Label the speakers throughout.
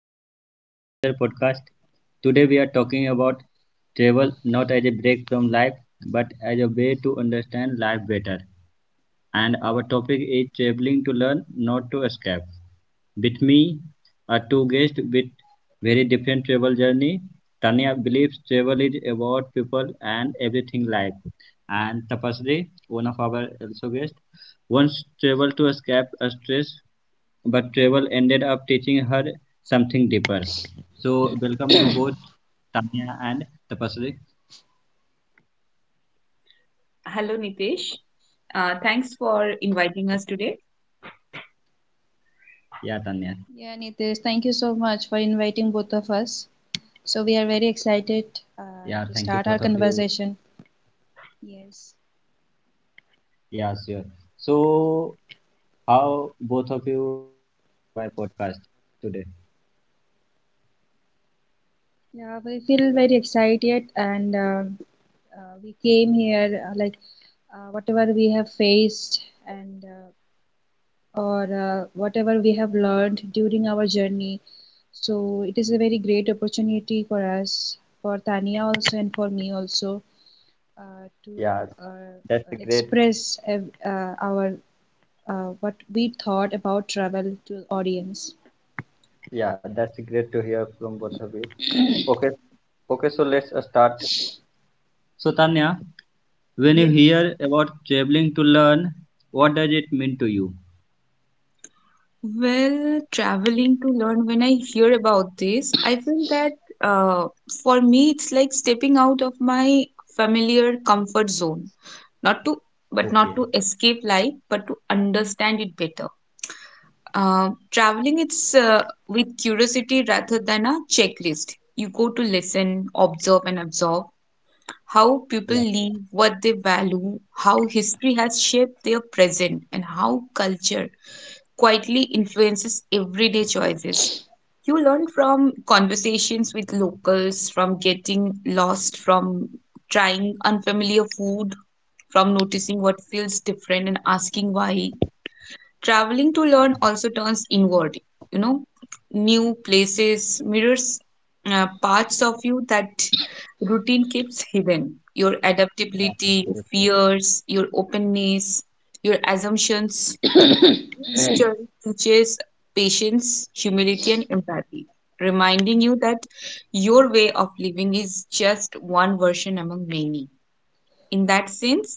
Speaker 1: back to the Adventure Podcast. Today we are talking about travel not as a break from life but as a way to understand life better. And our topic is traveling to learn, not to escape. With me are two guests with very different travel journey. Tanya believes travel is about people and everything life, and Tapasri, one of our also guests, once traveled to escape a stress, but travel ended up teaching her something deeper. So welcome you both, Tanya and Tapasri.
Speaker 2: Hello, Nitesh. Thanks for inviting us today.
Speaker 1: Yeah, Tanya.
Speaker 3: Yeah, Nitish, thank you so much for inviting both of us. So we are very excited uh,
Speaker 1: Yeah,
Speaker 3: to
Speaker 1: thank you
Speaker 3: start our
Speaker 1: both of you.
Speaker 3: conversation. Yes.
Speaker 1: Yeah, sure. So how both of you are feeling on my podcast today?
Speaker 3: Yeah, we feel very excited and we came here like whatever we have faced and or whatever we have learned during our journey. So it is a very great opportunity for us, for Tania also and for me also uh, to
Speaker 1: Yeah,
Speaker 3: uh,
Speaker 1: that's great.
Speaker 3: express our what we thought about travel to the audience.
Speaker 1: Yeah, that's great to hear from both of you. Okay, okay, so let's start. So, Tanya, when
Speaker 2: Yes.
Speaker 1: you hear about traveling to learn, what does it mean to you?
Speaker 2: Well, traveling to learn, when I hear about this, I feel that uh, for me, it's like stepping out of my familiar comfort zone. Not to, but not
Speaker 1: Okay,
Speaker 2: to escape life, but to understand it better. Traveling, it's with curiosity rather than a checklist. You go to listen, observe, and absorb how people
Speaker 1: yeah,
Speaker 2: live, what they value, how history has shaped their present, and how culture quietly influences everyday choices. You learn from conversations with locals, from getting lost, from trying unfamiliar food, from noticing what feels different and asking why. Traveling to learn also turns inward, you know, new places, mirrors, parts of you that routine keeps hidden. Your
Speaker 1: yeah,
Speaker 2: adaptability, your
Speaker 1: absolutely.
Speaker 2: fears, your openness, your assumptions. Each journey teaches patience, humility, and empathy, reminding you that your way of living is just one version among many. In that sense,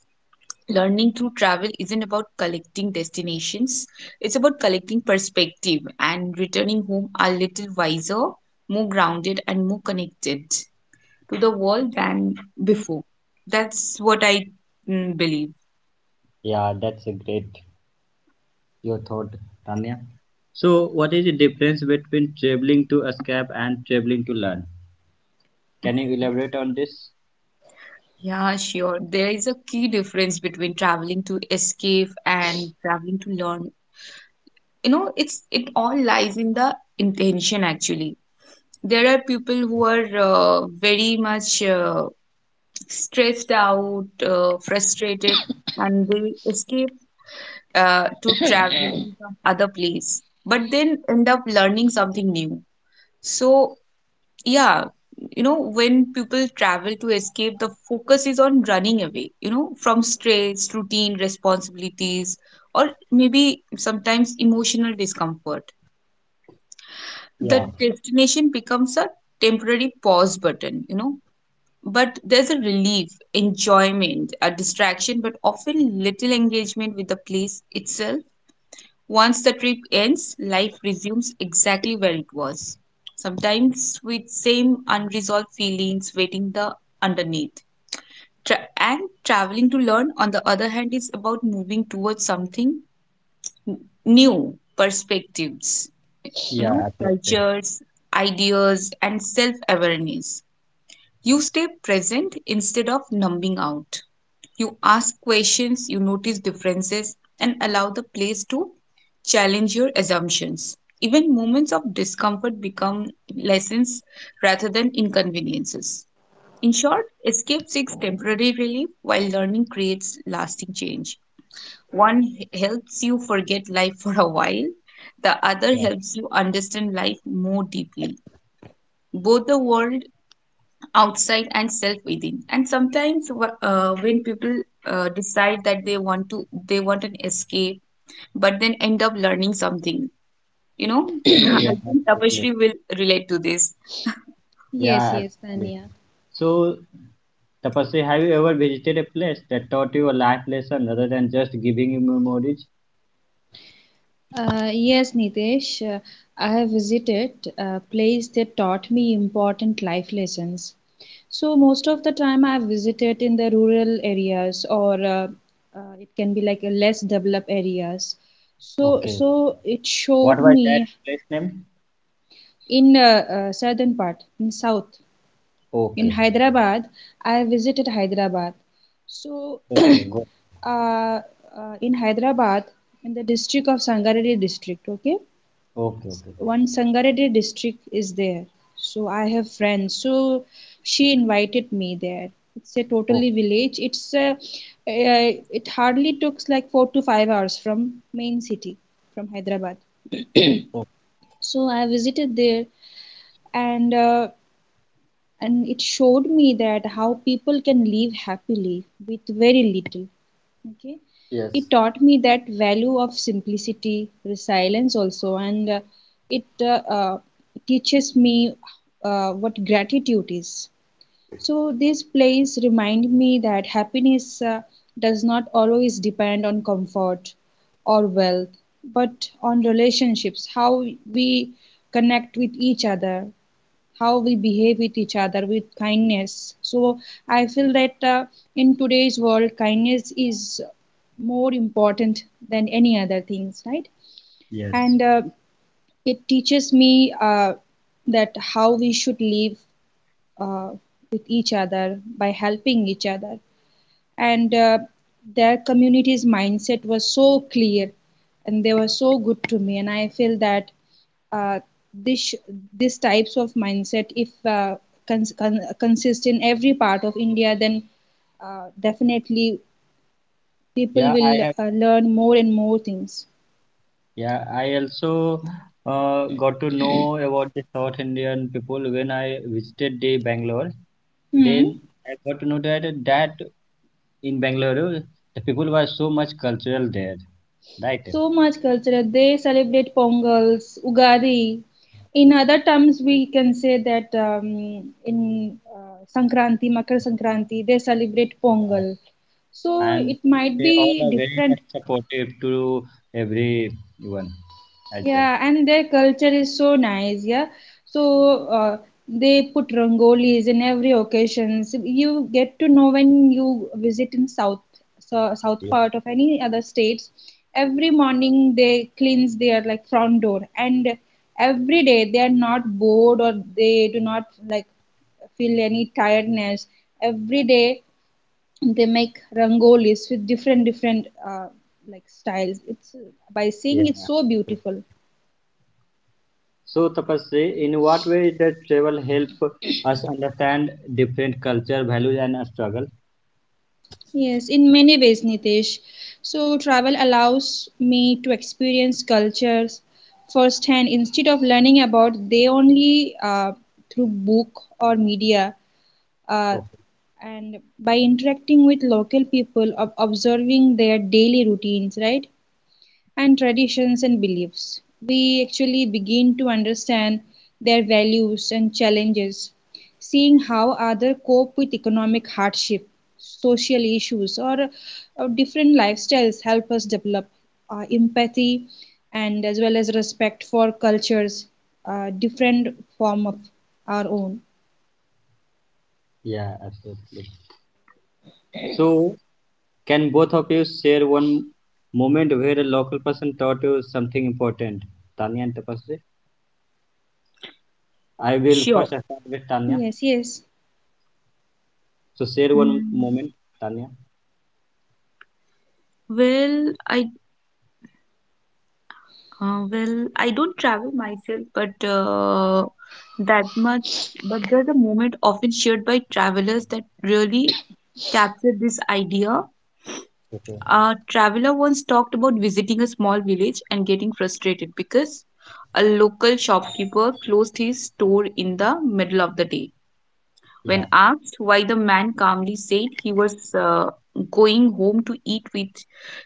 Speaker 2: learning through travel isn't about collecting destinations, it's about collecting perspective and returning home a little wiser, more grounded, and more connected to the world than before. That's what I believe.
Speaker 1: Yeah, that's a great your thought, Tanya. So, what is the difference between traveling to escape and traveling to learn? Can you elaborate on this?
Speaker 2: Yeah, sure. There is a key difference between traveling to escape and traveling to learn. You know, it all lies in the intention actually. There are people who are very much stressed out, frustrated, and they escape to travel to some other place, but then end up learning something new. So, yeah, when people travel to escape, the focus is on running away, you know, from stress, routine, responsibilities, or maybe sometimes emotional discomfort.
Speaker 1: Yeah,
Speaker 2: The destination becomes a temporary pause button, but there's a relief, enjoyment, a distraction, but often little engagement with the place itself. Once the trip ends, life resumes exactly where it was. Sometimes with same unresolved feelings waiting the underneath. And traveling to learn, on the other hand, is about moving towards something n- new, perspectives, you
Speaker 1: yeah,
Speaker 2: know,
Speaker 1: absolutely.
Speaker 2: cultures, ideas, and self awareness. You stay present instead of numbing out. You ask questions, you notice differences, and allow the place to challenge your assumptions. Even moments of discomfort become lessons rather than inconveniences. In short, escape seeks temporary relief while learning creates lasting change. One helps you forget life for a while, the other
Speaker 1: Yeah,
Speaker 2: helps you understand life more deeply. Both the world outside and self within, and sometimes when people decide that they want an escape but then end up learning something you know I
Speaker 1: yeah,
Speaker 2: think
Speaker 1: absolutely.
Speaker 2: Tapashri will relate to this.
Speaker 3: Yes,
Speaker 1: Yeah,
Speaker 3: yes,
Speaker 1: absolutely.
Speaker 3: Tanya.
Speaker 1: So, Tapasri, have you ever visited a place that taught you a life lesson rather than just giving you memories?
Speaker 3: Yes, Nitesh, I have visited a place that taught me important life lessons. So most of the time I have visited in the rural areas or it can be like a less developed areas. So
Speaker 1: Okay.
Speaker 3: it
Speaker 1: What
Speaker 3: showed
Speaker 1: was that
Speaker 3: me
Speaker 1: place name?
Speaker 3: in southern part in south. In
Speaker 1: Okay.
Speaker 3: Hyderabad. I visited Hyderabad. So,
Speaker 1: Okay, go.
Speaker 3: uh, in Hyderabad, in the district of Sangareddy district, okay,
Speaker 1: Okay, okay.
Speaker 3: one Sangareddy district is there. So I have friends. So she invited me there. It's a
Speaker 1: Okay.
Speaker 3: totally village. It's uh, it hardly took like 4 to 5 hours from main city, from Hyderabad.
Speaker 1: Okay.
Speaker 3: So I visited there, and uh, and it showed me that how people can live happily with very little. Okay,
Speaker 1: Yes.
Speaker 3: it taught me that value of simplicity, resilience also, and it teaches me what gratitude is. So this place remind me that happiness does not always depend on comfort or wealth, but on relationships, how we connect with each other, how we behave with each other with kindness. So I feel that in today's world kindness is more important than any other things, right?
Speaker 1: Yes.
Speaker 3: And it teaches me that how we should live uh, with each other by helping each other. And their community's mindset was so clear and they were so good to me, and I feel that uh, this this types of mindset if consist in every part of India, then definitely people
Speaker 1: Yeah, I
Speaker 3: will
Speaker 1: have.
Speaker 3: learn more and more things.
Speaker 1: Yeah, I also got to know about the South Indian people when I visited the Bangalore.
Speaker 3: Hmm.
Speaker 1: Then I got to know that in Bangalore the people were so much cultural there, right?
Speaker 3: So much culture. They celebrate Pongals, Ugadi. In other terms, we can say that in Sankranti, Makar Sankranti, they celebrate
Speaker 1: Uh,
Speaker 3: Pongal. So
Speaker 1: and
Speaker 3: it might
Speaker 1: they
Speaker 3: be
Speaker 1: all are very
Speaker 3: different.
Speaker 1: much supportive to everyone as well.
Speaker 3: Yeah, and their culture is so nice. Yeah, so they put rangolis in every occasion. So you get to know when you visit in south, so south
Speaker 1: Yeah.
Speaker 3: part of any other states. Every morning they cleanse their like front door, and every day they are not bored or they do not like feel any tiredness. Every day they make rangolis with different like styles. It's by seeing it's
Speaker 1: Yeah.
Speaker 3: so beautiful.
Speaker 1: So Tapasri, in what way does travel help us understand different culture, values, and struggle?
Speaker 3: Yes, in many ways, Nitesh. So, travel allows me to experience cultures firsthand instead of learning about they only through book or media. Uh,
Speaker 1: Okay.
Speaker 3: and by interacting with local people, observing their daily routines, right? And traditions and beliefs. We actually begin to understand their values and challenges, seeing how others cope with economic hardship, social issues, or different lifestyles help us develop empathy and as well as respect for cultures, different form of our own.
Speaker 1: Yeah, absolutely. So can both of you share one moment where a local person taught you something important, Tanya and Tapasri? I will
Speaker 2: Sure.
Speaker 1: first start with Tanya.
Speaker 3: Yes, yes.
Speaker 1: So share one
Speaker 2: Mm,
Speaker 1: moment, Tanya.
Speaker 2: well i well, I don't travel myself, but that much, but there's a moment often shared by travelers that really capture this idea.
Speaker 1: Okay.
Speaker 2: A traveler once talked about visiting a small village and getting frustrated because a local shopkeeper closed his store in the middle of the day. When
Speaker 1: Yeah.
Speaker 2: asked why, the man calmly said he was going home to eat with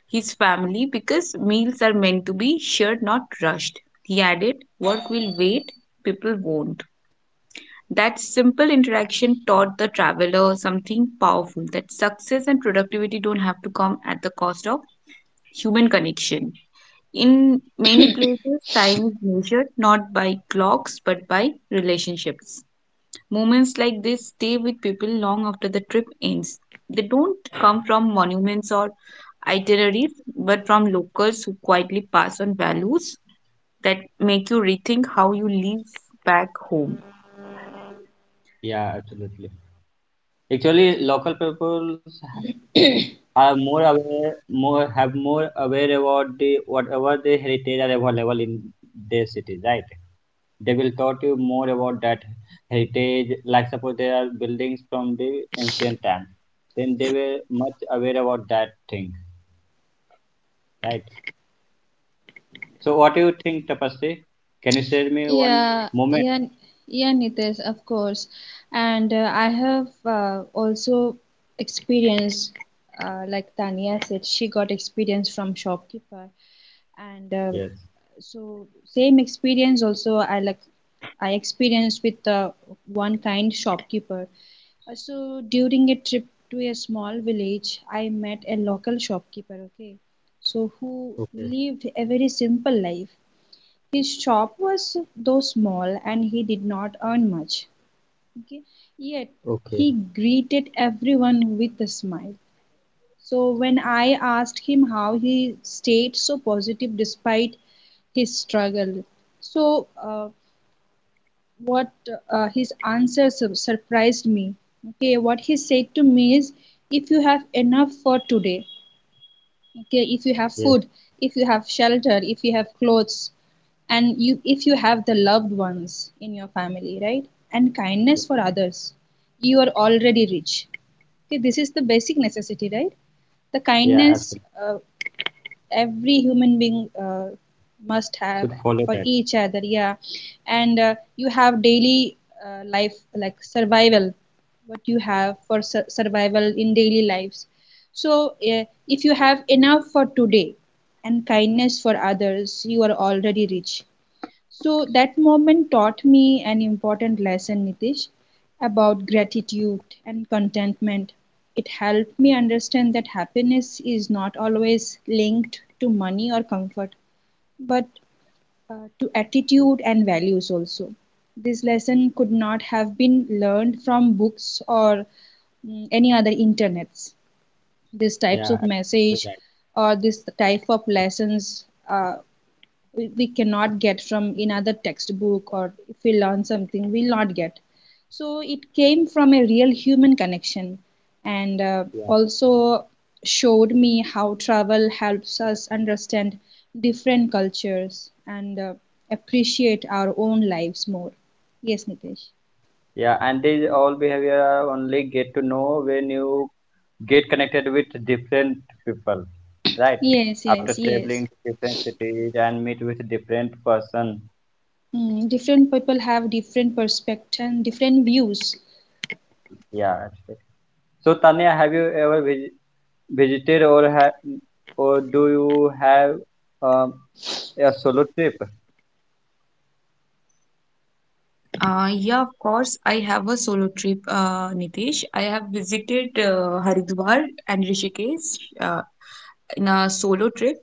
Speaker 2: his family because meals are meant to be shared, not rushed. He added, "Work will wait, people won't." That simple interaction taught the traveler something powerful, that success and productivity don't have to come at the cost of human connection. In many places, time is measured not by clocks but by relationships. Moments like this stay with people long after the trip ends. They don't come from monuments or itineraries but from locals who quietly pass on values that make you rethink how you live back home.
Speaker 1: Yeah, absolutely. Actually, local people are more aware, more have more aware about the whatever the heritage are available in their cities, right? They will taught you more about that heritage. Like suppose there are buildings from the ancient time, then they were much aware about that thing, right? So what do you think, Tapasri? Can you share me one
Speaker 3: Yeah,
Speaker 1: moment?
Speaker 3: yeah, N- yeah, Nitesh, of course. And I have also experienced, like Tanya said, she got experience from shopkeeper, and
Speaker 1: Yes.
Speaker 3: so same experience also I experienced with one kind shopkeeper. So during a trip to a small village, I met a local shopkeeper. Okay, so who
Speaker 1: Okay.
Speaker 3: lived a very simple life. His shop was though small and he did not earn much, okay, yet
Speaker 1: Okay.
Speaker 3: he greeted everyone with a smile. So when I asked him how he stayed so positive despite his struggle, so what his surprised me. Okay, what he said to me is, if you have enough for today, okay, if you have
Speaker 1: Yes.
Speaker 3: food, if you have shelter, if you have clothes, and you if you have the loved ones in your family, right, and kindness for others, you are already rich. Okay, this is the basic necessity, right? The
Speaker 1: Yeah.
Speaker 3: kindness
Speaker 1: Absolutely.
Speaker 3: uh, every human being must have
Speaker 1: Should follow
Speaker 3: for
Speaker 1: that.
Speaker 3: each other, yeah. And you have daily life like survival, what you have for survival in daily lives. So if you have enough for today and kindness for others, you are already rich. So that moment taught me an important lesson, Nitish, about gratitude and contentment. It helped me understand that happiness is not always linked to money or comfort, but to attitude and values also. This lesson could not have been learned from books or any other internets. These types
Speaker 1: Yeah.
Speaker 3: of
Speaker 1: Absolutely
Speaker 3: message
Speaker 1: that.
Speaker 3: or this type of lessons uh, we cannot get from another textbook, or if we learn something we'll not get. So it came from a real human connection, and
Speaker 1: Yeah.
Speaker 3: also showed me how travel helps us understand different cultures and appreciate our own lives more. Yes, Nitesh.
Speaker 1: Yeah, and these all behavior are only get to know when you get connected with different people, right?
Speaker 3: Yes,
Speaker 1: After
Speaker 3: yes, yes.
Speaker 1: traveling to different cities and meet with different person,
Speaker 3: Different people have different perspectives, and different views.
Speaker 1: yeah. So Tanya, have you ever visited or have or do you have um, a solo trip?
Speaker 2: Yeah, of course. I have a solo trip, Nitesh. I have visited Haridwar and Rishikesh in a solo trip.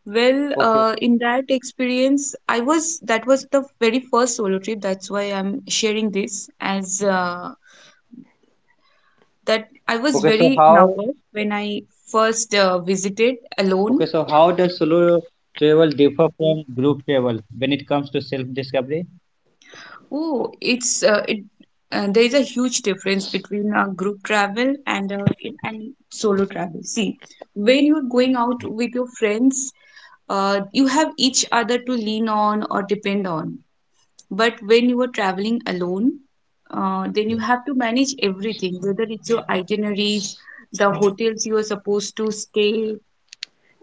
Speaker 2: Well,
Speaker 1: Okay.
Speaker 2: in that experience, I was that was the very first solo trip. That's why I'm sharing this, as that I was
Speaker 1: Okay, so
Speaker 2: very
Speaker 1: how
Speaker 2: nervous when I first visited
Speaker 1: okay,
Speaker 2: alone.
Speaker 1: so how does solo travel differ from group travel when it comes to self discovery?
Speaker 2: Oh, it's it. There is a huge difference between a group travel and solo travel. See, when you're going out with your friends, you have each other to lean on or depend on. But when you are traveling alone, then you have to manage everything, whether it's your itineraries, the hotels you are supposed to stay,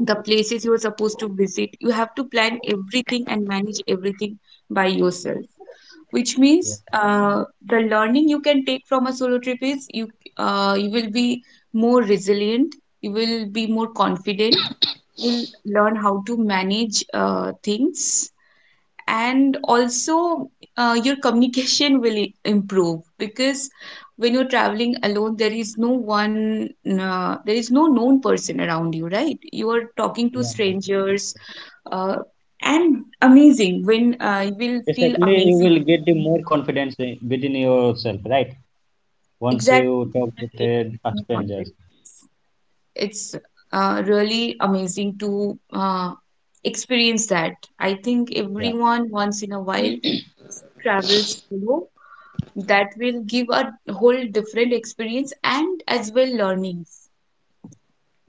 Speaker 2: the places you are supposed to visit. You have to plan everything and manage everything by yourself. Which
Speaker 1: Yeah.
Speaker 2: means the learning you can take from a solo trip is you will be more resilient, you will be more confident, you will learn how to manage things, and also your communication will improve, because when you're traveling alone, there is no one, there is no known person around you, right? You are talking to
Speaker 1: Yeah.
Speaker 2: strangers, uh, and amazing, when you will feel
Speaker 1: Basically, you
Speaker 2: amazing.
Speaker 1: will get the more confidence within yourself, right? Once you
Speaker 2: Exactly.
Speaker 1: talk with a stranger.
Speaker 2: It's really amazing to experience that. I think
Speaker 1: Yeah.
Speaker 2: everyone once in a while travels solo. That will give a whole different experience, and as well learnings.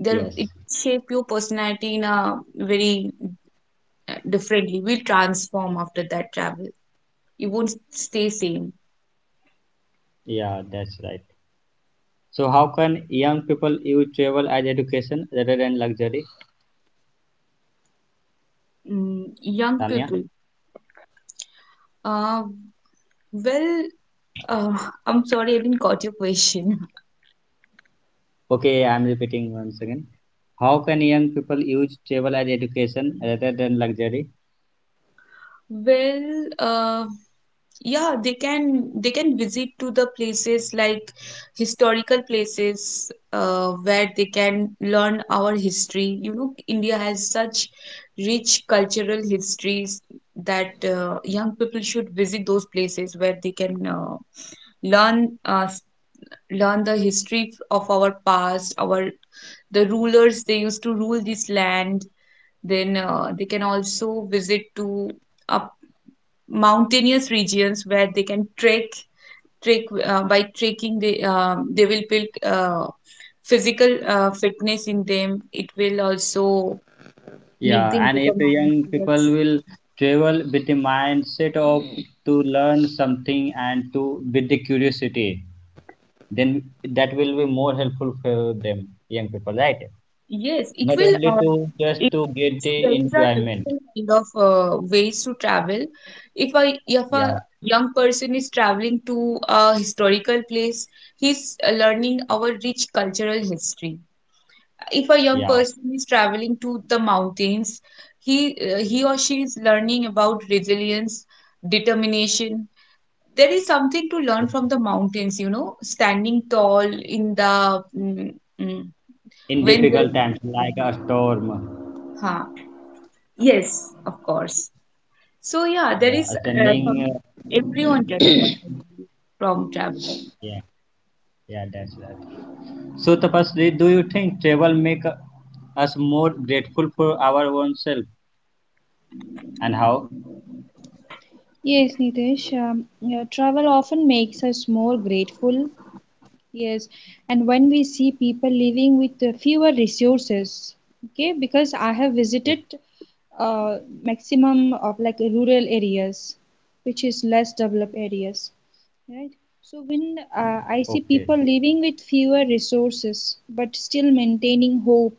Speaker 2: There, it
Speaker 1: Yes.
Speaker 2: shape your personality in a very differently, will transform after that travel. You won't stay same.
Speaker 1: Yeah, that's right. So how can young people use travel as education rather than luxury,
Speaker 2: Young
Speaker 1: Tanya?
Speaker 2: people, uh, well, uh, I'm sorry, I didn't got your question.
Speaker 1: Okay, I'm repeating once again. How can young people use travel as education rather than luxury?
Speaker 2: Well, yeah, they can visit to the places like historical places, where they can learn our history. India has such rich cultural histories, that young people should visit those places, where they can learn s- learn the history of our past, our the rulers they used to rule this land. Then they can also visit to a mountainous regions where they can trek trek By trekking, they will build physical fitness in them. It will also make
Speaker 1: Yeah,
Speaker 2: them
Speaker 1: and if
Speaker 2: determined
Speaker 1: young people
Speaker 2: towards.
Speaker 1: will travel with the mindset of to learn something and to with the curiosity, then that will be more helpful for them, young people, right?
Speaker 2: Yes, it
Speaker 1: Not
Speaker 2: will,
Speaker 1: only to just
Speaker 2: it,
Speaker 1: to get
Speaker 2: so
Speaker 1: the
Speaker 2: there is a
Speaker 1: enjoyment.
Speaker 2: different kind of ways to travel. If a
Speaker 1: Yeah,
Speaker 2: young person is traveling to a historical place, he's learning our rich cultural history. If a young
Speaker 1: yeah.
Speaker 2: person is traveling to the mountains, he he or she is learning about resilience, determination. There is something to learn from the mountains, you know, standing tall in the, mm,
Speaker 1: In
Speaker 2: when the,
Speaker 1: difficult times like a storm.
Speaker 2: huh. Yes, of course. So yeah, there
Speaker 1: Yeah,
Speaker 2: is
Speaker 1: standing.
Speaker 2: some, everyone can learn, I believe, from traveling.
Speaker 1: Yeah, yeah, that's that. So Tapasri, do you think travel make us more grateful for our own self and how?
Speaker 3: Yes, Nitesh. Yeah, travel often makes us more grateful. Yes, and when we see people living with fewer resources, okay, because I have
Speaker 1: Yeah.
Speaker 3: visited maximum of like rural areas, which is less developed areas, right? So when I see
Speaker 1: Okay.
Speaker 3: people living with fewer resources but still maintaining hope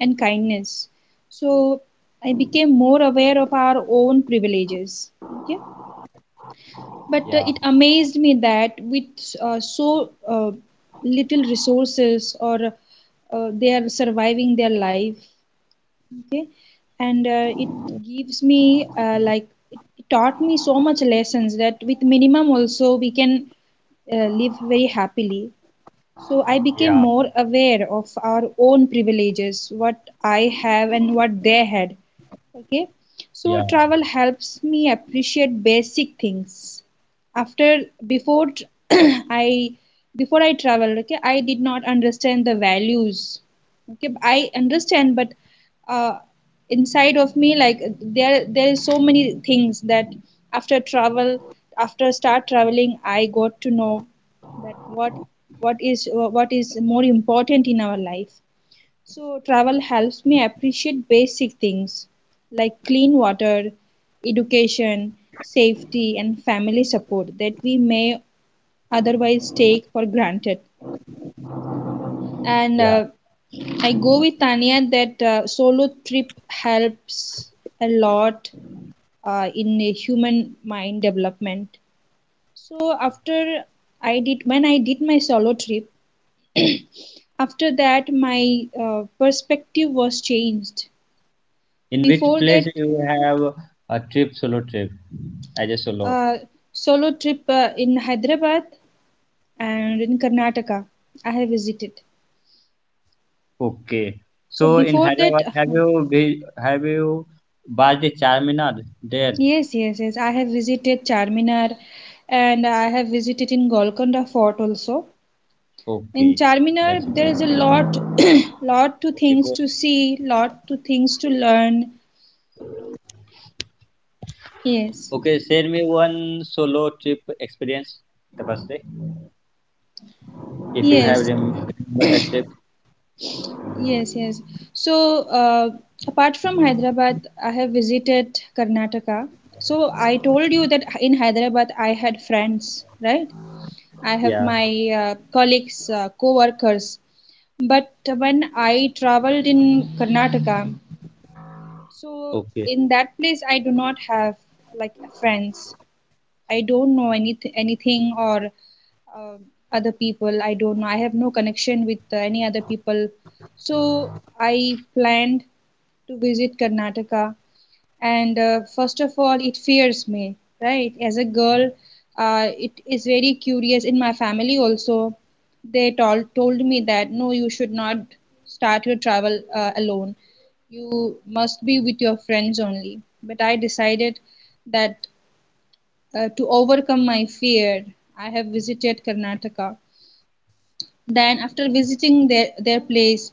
Speaker 3: and kindness, so I became more aware of our own privileges, okay? But
Speaker 1: Yeah.
Speaker 3: it amazed me that with uh, so uh, little resources, or they are surviving their life, and it gives me like it taught me so much lessons that with minimum also we can live very happily. So I became
Speaker 1: Yeah.
Speaker 3: more aware of our own privileges, what I have and what they had, okay. So
Speaker 1: Yeah.
Speaker 3: travel helps me appreciate basic things. After before I before I traveled, okay, I did not understand the values. Okay, I understand, but uh, inside of me, like, there is so many things that after travel, after start traveling, I got to know that what is what is more important in our life. So travel helps me appreciate basic things like clean water, education, safety, and family support that we may otherwise take for granted. And
Speaker 1: Yeah.
Speaker 3: I go with Tanya that solo trip helps a lot in a human mind development. So after I did when I did my solo trip, after that my perspective was changed.
Speaker 1: In which
Speaker 3: Before
Speaker 1: place
Speaker 3: that
Speaker 1: you have a trip solo trip as a solo?
Speaker 3: uh, solo trip in Hyderabad and in Karnataka. I have visited.
Speaker 1: Okay.
Speaker 3: So
Speaker 1: So in
Speaker 3: before that,
Speaker 1: Hyderabad, have you bought the Charminar there?
Speaker 3: yes, yes, yes, I have visited Charminar and I have visited in Golconda Fort also. In
Speaker 1: Okay,
Speaker 3: Charminar,
Speaker 1: that's
Speaker 3: there
Speaker 1: great.
Speaker 3: is a lot, lot to
Speaker 1: Okay,
Speaker 3: things
Speaker 1: go.
Speaker 3: to see, lot to things to learn. Yes,
Speaker 1: Okay, share me one solo trip experience, the first day, if you have
Speaker 3: yes.
Speaker 1: remember the trip.
Speaker 3: Yes, yes. So, apart from Hyderabad, I have visited Karnataka. So, I told you that in Hyderabad I had friends, right? I have
Speaker 1: Yeah,
Speaker 3: my colleagues, co-workers. But when I traveled in Karnataka, so
Speaker 1: okay,
Speaker 3: in that place I do not have like friends. I don't know anything, or uh, other people. I don't know. I have no connection with any other people. So I planned to visit Karnataka, and first of all, it fears me, right? As a girl, it is very curious. In my family also, they told me that no, you should not start your travel alone. You must be with your friends only. But I decided that to overcome my fear, I have visited Karnataka. Then, after visiting their place,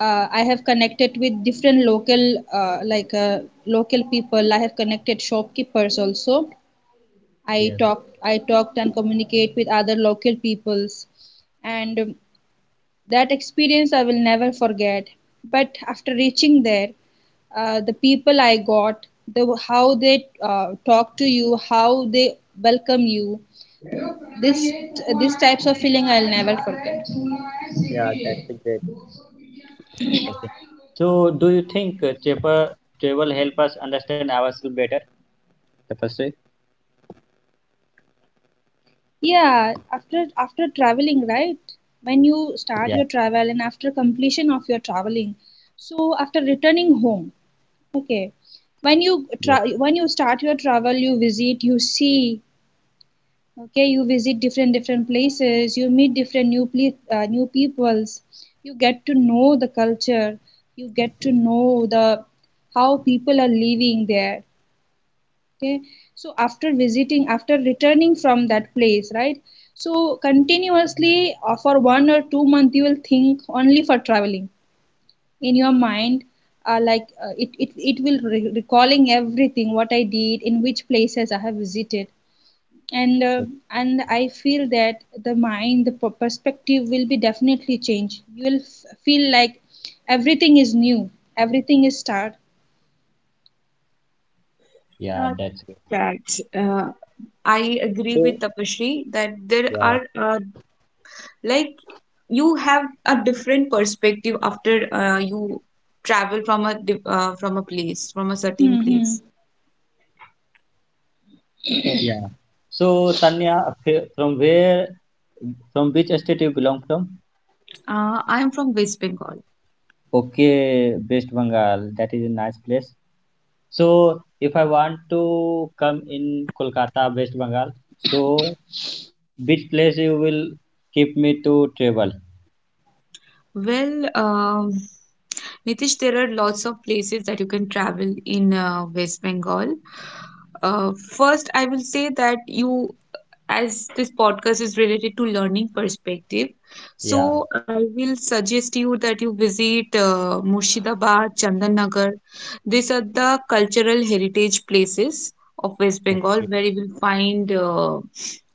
Speaker 3: I have connected with different local, local people. I have connected shopkeepers also.
Speaker 1: yes,
Speaker 3: I talked and communicate with other local peoples, and that experience I will never forget. But after reaching there, the people I got, the how they talk to you, how they welcome you, this, these types of feeling I'll never forget.
Speaker 1: yeah, that's a great. Tapasri. So, do you think travel help us understand ourselves better? The first day.
Speaker 3: Yeah, after after traveling, right? When you start
Speaker 1: Yeah,
Speaker 3: your travel and after completion of your traveling, so after returning home, okay, when you
Speaker 1: yeah,
Speaker 3: when you start your travel, you visit, you see, okay, you visit different places, you meet different new peoples, you get to know the culture, you get to know the how people are living there, okay. So after visiting, after returning from that place, right, so continuously for 1 or 2 months, you will think only for traveling in your mind. It it will recalling everything what I did, in which places I have visited. And
Speaker 1: okay,
Speaker 3: and I feel that the mind, the perspective will be definitely changed. You will feel like everything is new, everything is start.
Speaker 1: yeah,
Speaker 2: uh,
Speaker 1: that's good.
Speaker 2: that, uh, I agree with
Speaker 1: So,
Speaker 2: Tapashri that there
Speaker 1: yeah,
Speaker 2: are, like, you have a different perspective after you travel from a from a certain
Speaker 3: Hmm.
Speaker 2: place.
Speaker 1: yeah. So, Tanya, from where, from which state you belong from?
Speaker 2: I am from West Bengal.
Speaker 1: Okay, West Bengal. That is a nice place. So if I want to come in Kolkata, West Bengal, so which place you will keep me to travel?
Speaker 2: Well, nitish there are lots of places that you can travel in West Bengal. uh, First, I will say that you, as this podcast is related to learning perspective,
Speaker 1: Yeah,
Speaker 2: so I will suggest you that you visit Murshidabad, Chandanagar. These are the cultural heritage places of West Bengal,
Speaker 1: okay,
Speaker 2: where you will find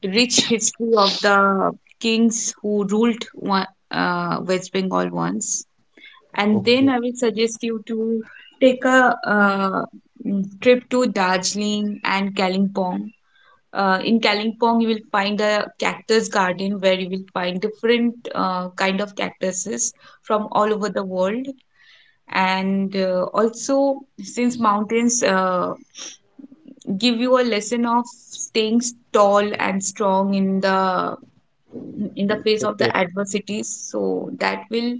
Speaker 2: rich history of the kings who ruled one, West Bengal once. And then
Speaker 1: okay,
Speaker 2: I will suggest you to take a trip to Darjeeling and Kalimpong. In Kalimpong, you will find a cactus garden where you will find different kind of cactuses from all over the world. And also, since mountains give you a lesson of staying tall and strong in the, in the face of
Speaker 1: okay,
Speaker 2: the adversities, so that will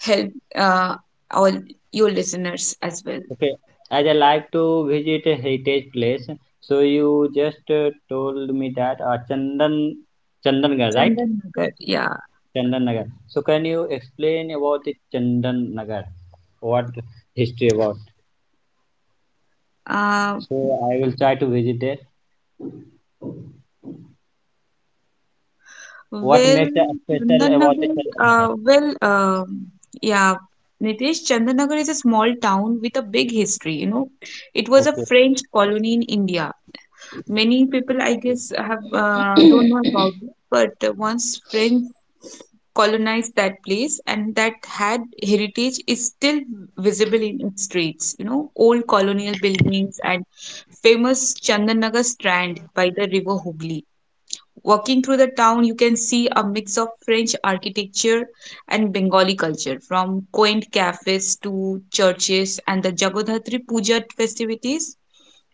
Speaker 2: help all your listeners as well.
Speaker 1: okay. As I like to visit a heritage place, so you just told me that Chandannagar, right?
Speaker 2: Chandan Nagar, yeah.
Speaker 1: Chandannagar. So can you explain about the Chandannagar? What history about?
Speaker 2: Uh,
Speaker 1: So I will try to visit there. What
Speaker 2: Well,
Speaker 1: makes it special about the
Speaker 2: Chandannagar,
Speaker 1: Chandannagar?
Speaker 2: well, yeah, Nitesh, Chandannagar is a small town with a big history, you know. It was a
Speaker 1: Okay.
Speaker 2: French colony in India. Many people, I guess, have, don't know about it, but once French colonized that place, and that had heritage is still visible in its streets, you know, old colonial buildings and famous Chandannagar strand by the river Hooghly. Walking through the town, you can see a mix of French architecture and Bengali culture, from quaint cafes to churches and the Jagodhatri Puja festivities.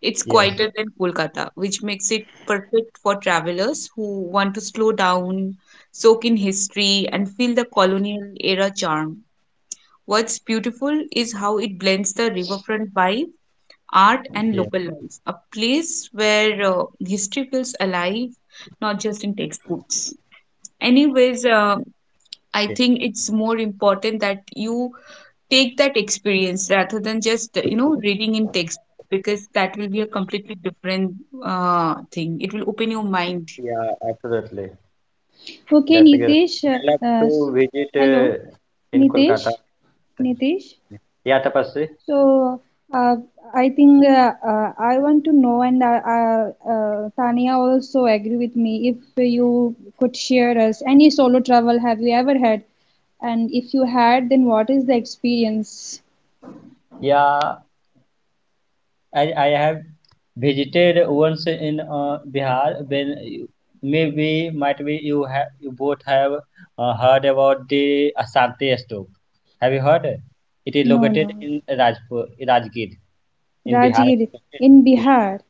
Speaker 2: It's
Speaker 1: Yes,
Speaker 2: quieter than Kolkata, which makes it perfect for travelers who want to slow down, soak in history, and feel the colonial era charm. What's beautiful is how it blends the riverfront vibe, art,
Speaker 1: yes,
Speaker 2: and local life, a place where history feels alive, not just in textbooks. Anyways,
Speaker 1: yes.
Speaker 2: I think it's more important that you take that experience rather than just, you know, reading in text, because that will be a completely different thing. It will open your mind.
Speaker 1: Yeah, absolutely.
Speaker 3: Okay,
Speaker 1: That's a good.
Speaker 3: Nitesh.
Speaker 1: I love
Speaker 3: Uh, s-
Speaker 1: to visit
Speaker 3: Hello,
Speaker 1: in Kolkata.
Speaker 3: Nitesh. Nitesh.
Speaker 1: Yeah, Tapasri.
Speaker 3: So, uh, I think I want to know, and Tania also agree with me. If you could share us any solo travel have you ever had, and if you had, then what is the experience?
Speaker 1: Yeah, I have visited once in Bihar. Maybe might be you have you both have heard about the Ashanti stupa. Have you heard? It is
Speaker 3: No,
Speaker 1: located
Speaker 3: no,
Speaker 1: in Rajpur, Rajgir, in Bihar.
Speaker 3: Rajgir in
Speaker 1: Yeah.
Speaker 3: Bihar.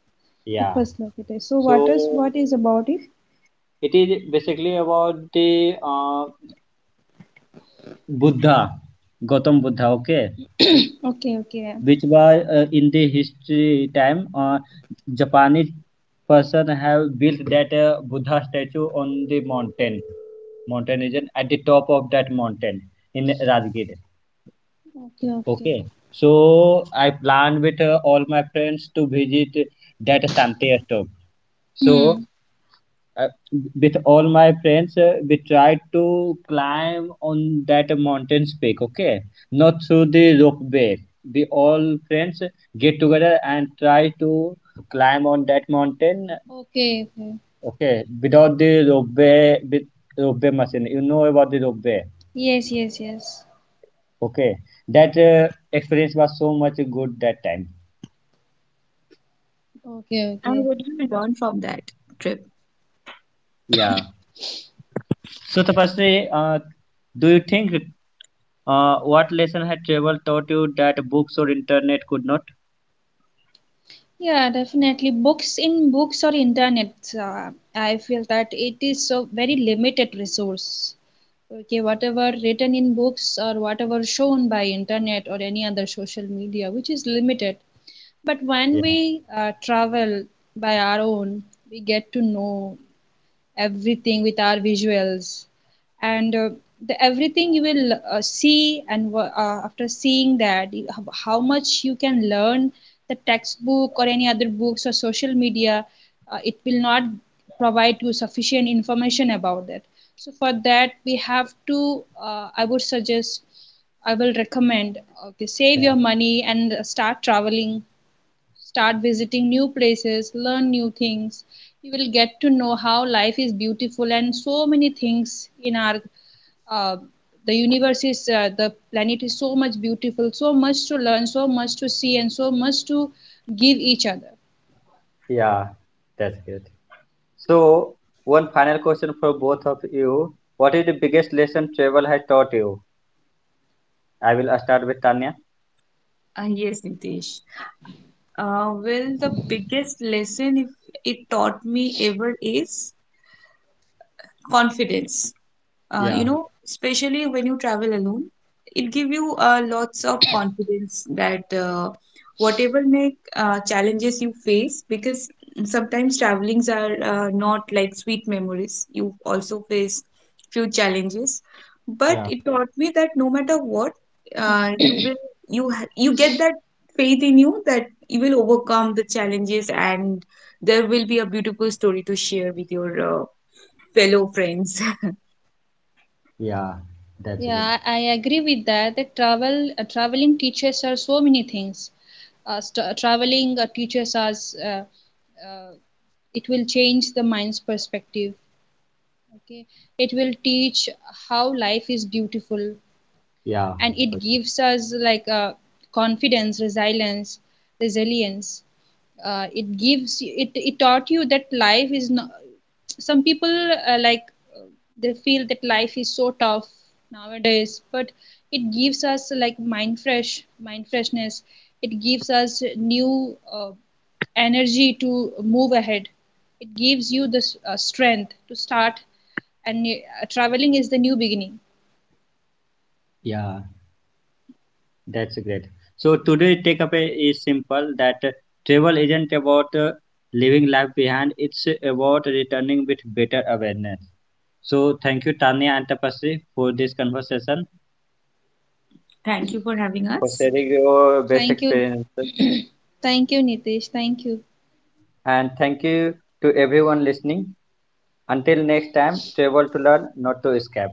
Speaker 3: It
Speaker 1: Yeah.
Speaker 3: was located. So,
Speaker 1: So
Speaker 3: what is about it?
Speaker 1: it is basically about the Buddha, Gautam Buddha, okay,
Speaker 3: Okay, okay,
Speaker 1: which was in the history time, Japanese person have built that Buddha statue on the mountain, mountain region at the top of that mountain in Rajgir.
Speaker 3: okay, okay.
Speaker 1: Okay, so I plan with all my friends to visit that Santi stupa. So
Speaker 3: Hmm.
Speaker 1: uh, with all my friends we tried to climb on that mountain's peak, okay, not through the rope way. We all friends get together and try to climb on that mountain,
Speaker 3: Okay, okay.
Speaker 1: okay, without the rope way. With rope way machine, you know about the rope way?
Speaker 3: Yes, yes, yes.
Speaker 1: Okay, that experience was so much good that time.
Speaker 3: Okay,
Speaker 2: And
Speaker 3: okay.
Speaker 2: what did you learn from that trip?
Speaker 1: Yeah, so Tapasri, uh, do you think what lesson had travel taught you that books or internet could not?
Speaker 3: Yeah, definitely. Books in books or internet, I feel that it is so very limited resource. Okay, whatever written in books or whatever shown by internet or any other social media, which is limited. But when we travel by our own, we get to know everything with our visuals, and the everything you will see, and after seeing that how much you can learn. The textbook or any other books or social media, it will not provide you sufficient information about that. So for that we have to I would suggest I will recommend, okay, save
Speaker 1: Yeah.
Speaker 3: your money and start traveling, start visiting new places, learn new things. You will get to know how life is beautiful and so many things in our uh, the planet is so much beautiful, so much to learn, so much to see, and so much to give each other.
Speaker 1: Yeah, that's good. So, one final question for both of you. What is the biggest lesson travel has taught you? I will start with Tanya.
Speaker 2: Yes, Nitesh. Well, the biggest lesson if it taught me ever is confidence.
Speaker 1: Yeah,
Speaker 2: Especially when you travel alone, it give you lots of confidence, that whatever may challenges you face, because sometimes travelings are not like sweet memories, you also face few challenges. But
Speaker 1: yeah,
Speaker 2: it taught me that no matter what, you will, you get that faith in you that you will overcome the challenges, and there will be a beautiful story to share with your fellow friends.
Speaker 1: yeah. That's good.
Speaker 3: Yeah, I agree with that. That travel, traveling teaches us so many things. Traveling teaches us. Uh, it will change the mind's perspective. Okay. It will teach how life is beautiful,
Speaker 1: Yeah,
Speaker 3: and it gives us like a confidence, resilience. It gives it It taught you that life is not some people like uh, they feel that life is so tough nowadays, but it gives us like mind freshness, it gives us new energy to move ahead, it gives you the strength to start, and traveling is the new beginning.
Speaker 1: yeah, that's great. So today takeaway is simple that travel isn't about leaving life behind. It's about returning with better awareness. So thank you Tanya and Tapasri for this conversation,
Speaker 2: Thank you for having
Speaker 1: for
Speaker 2: us.
Speaker 1: sharing your best
Speaker 3: Thank you.
Speaker 1: experience.
Speaker 3: Thank you, Nitish. Thank you.
Speaker 1: And thank you to everyone listening. Until next time, travel to learn, not to escape.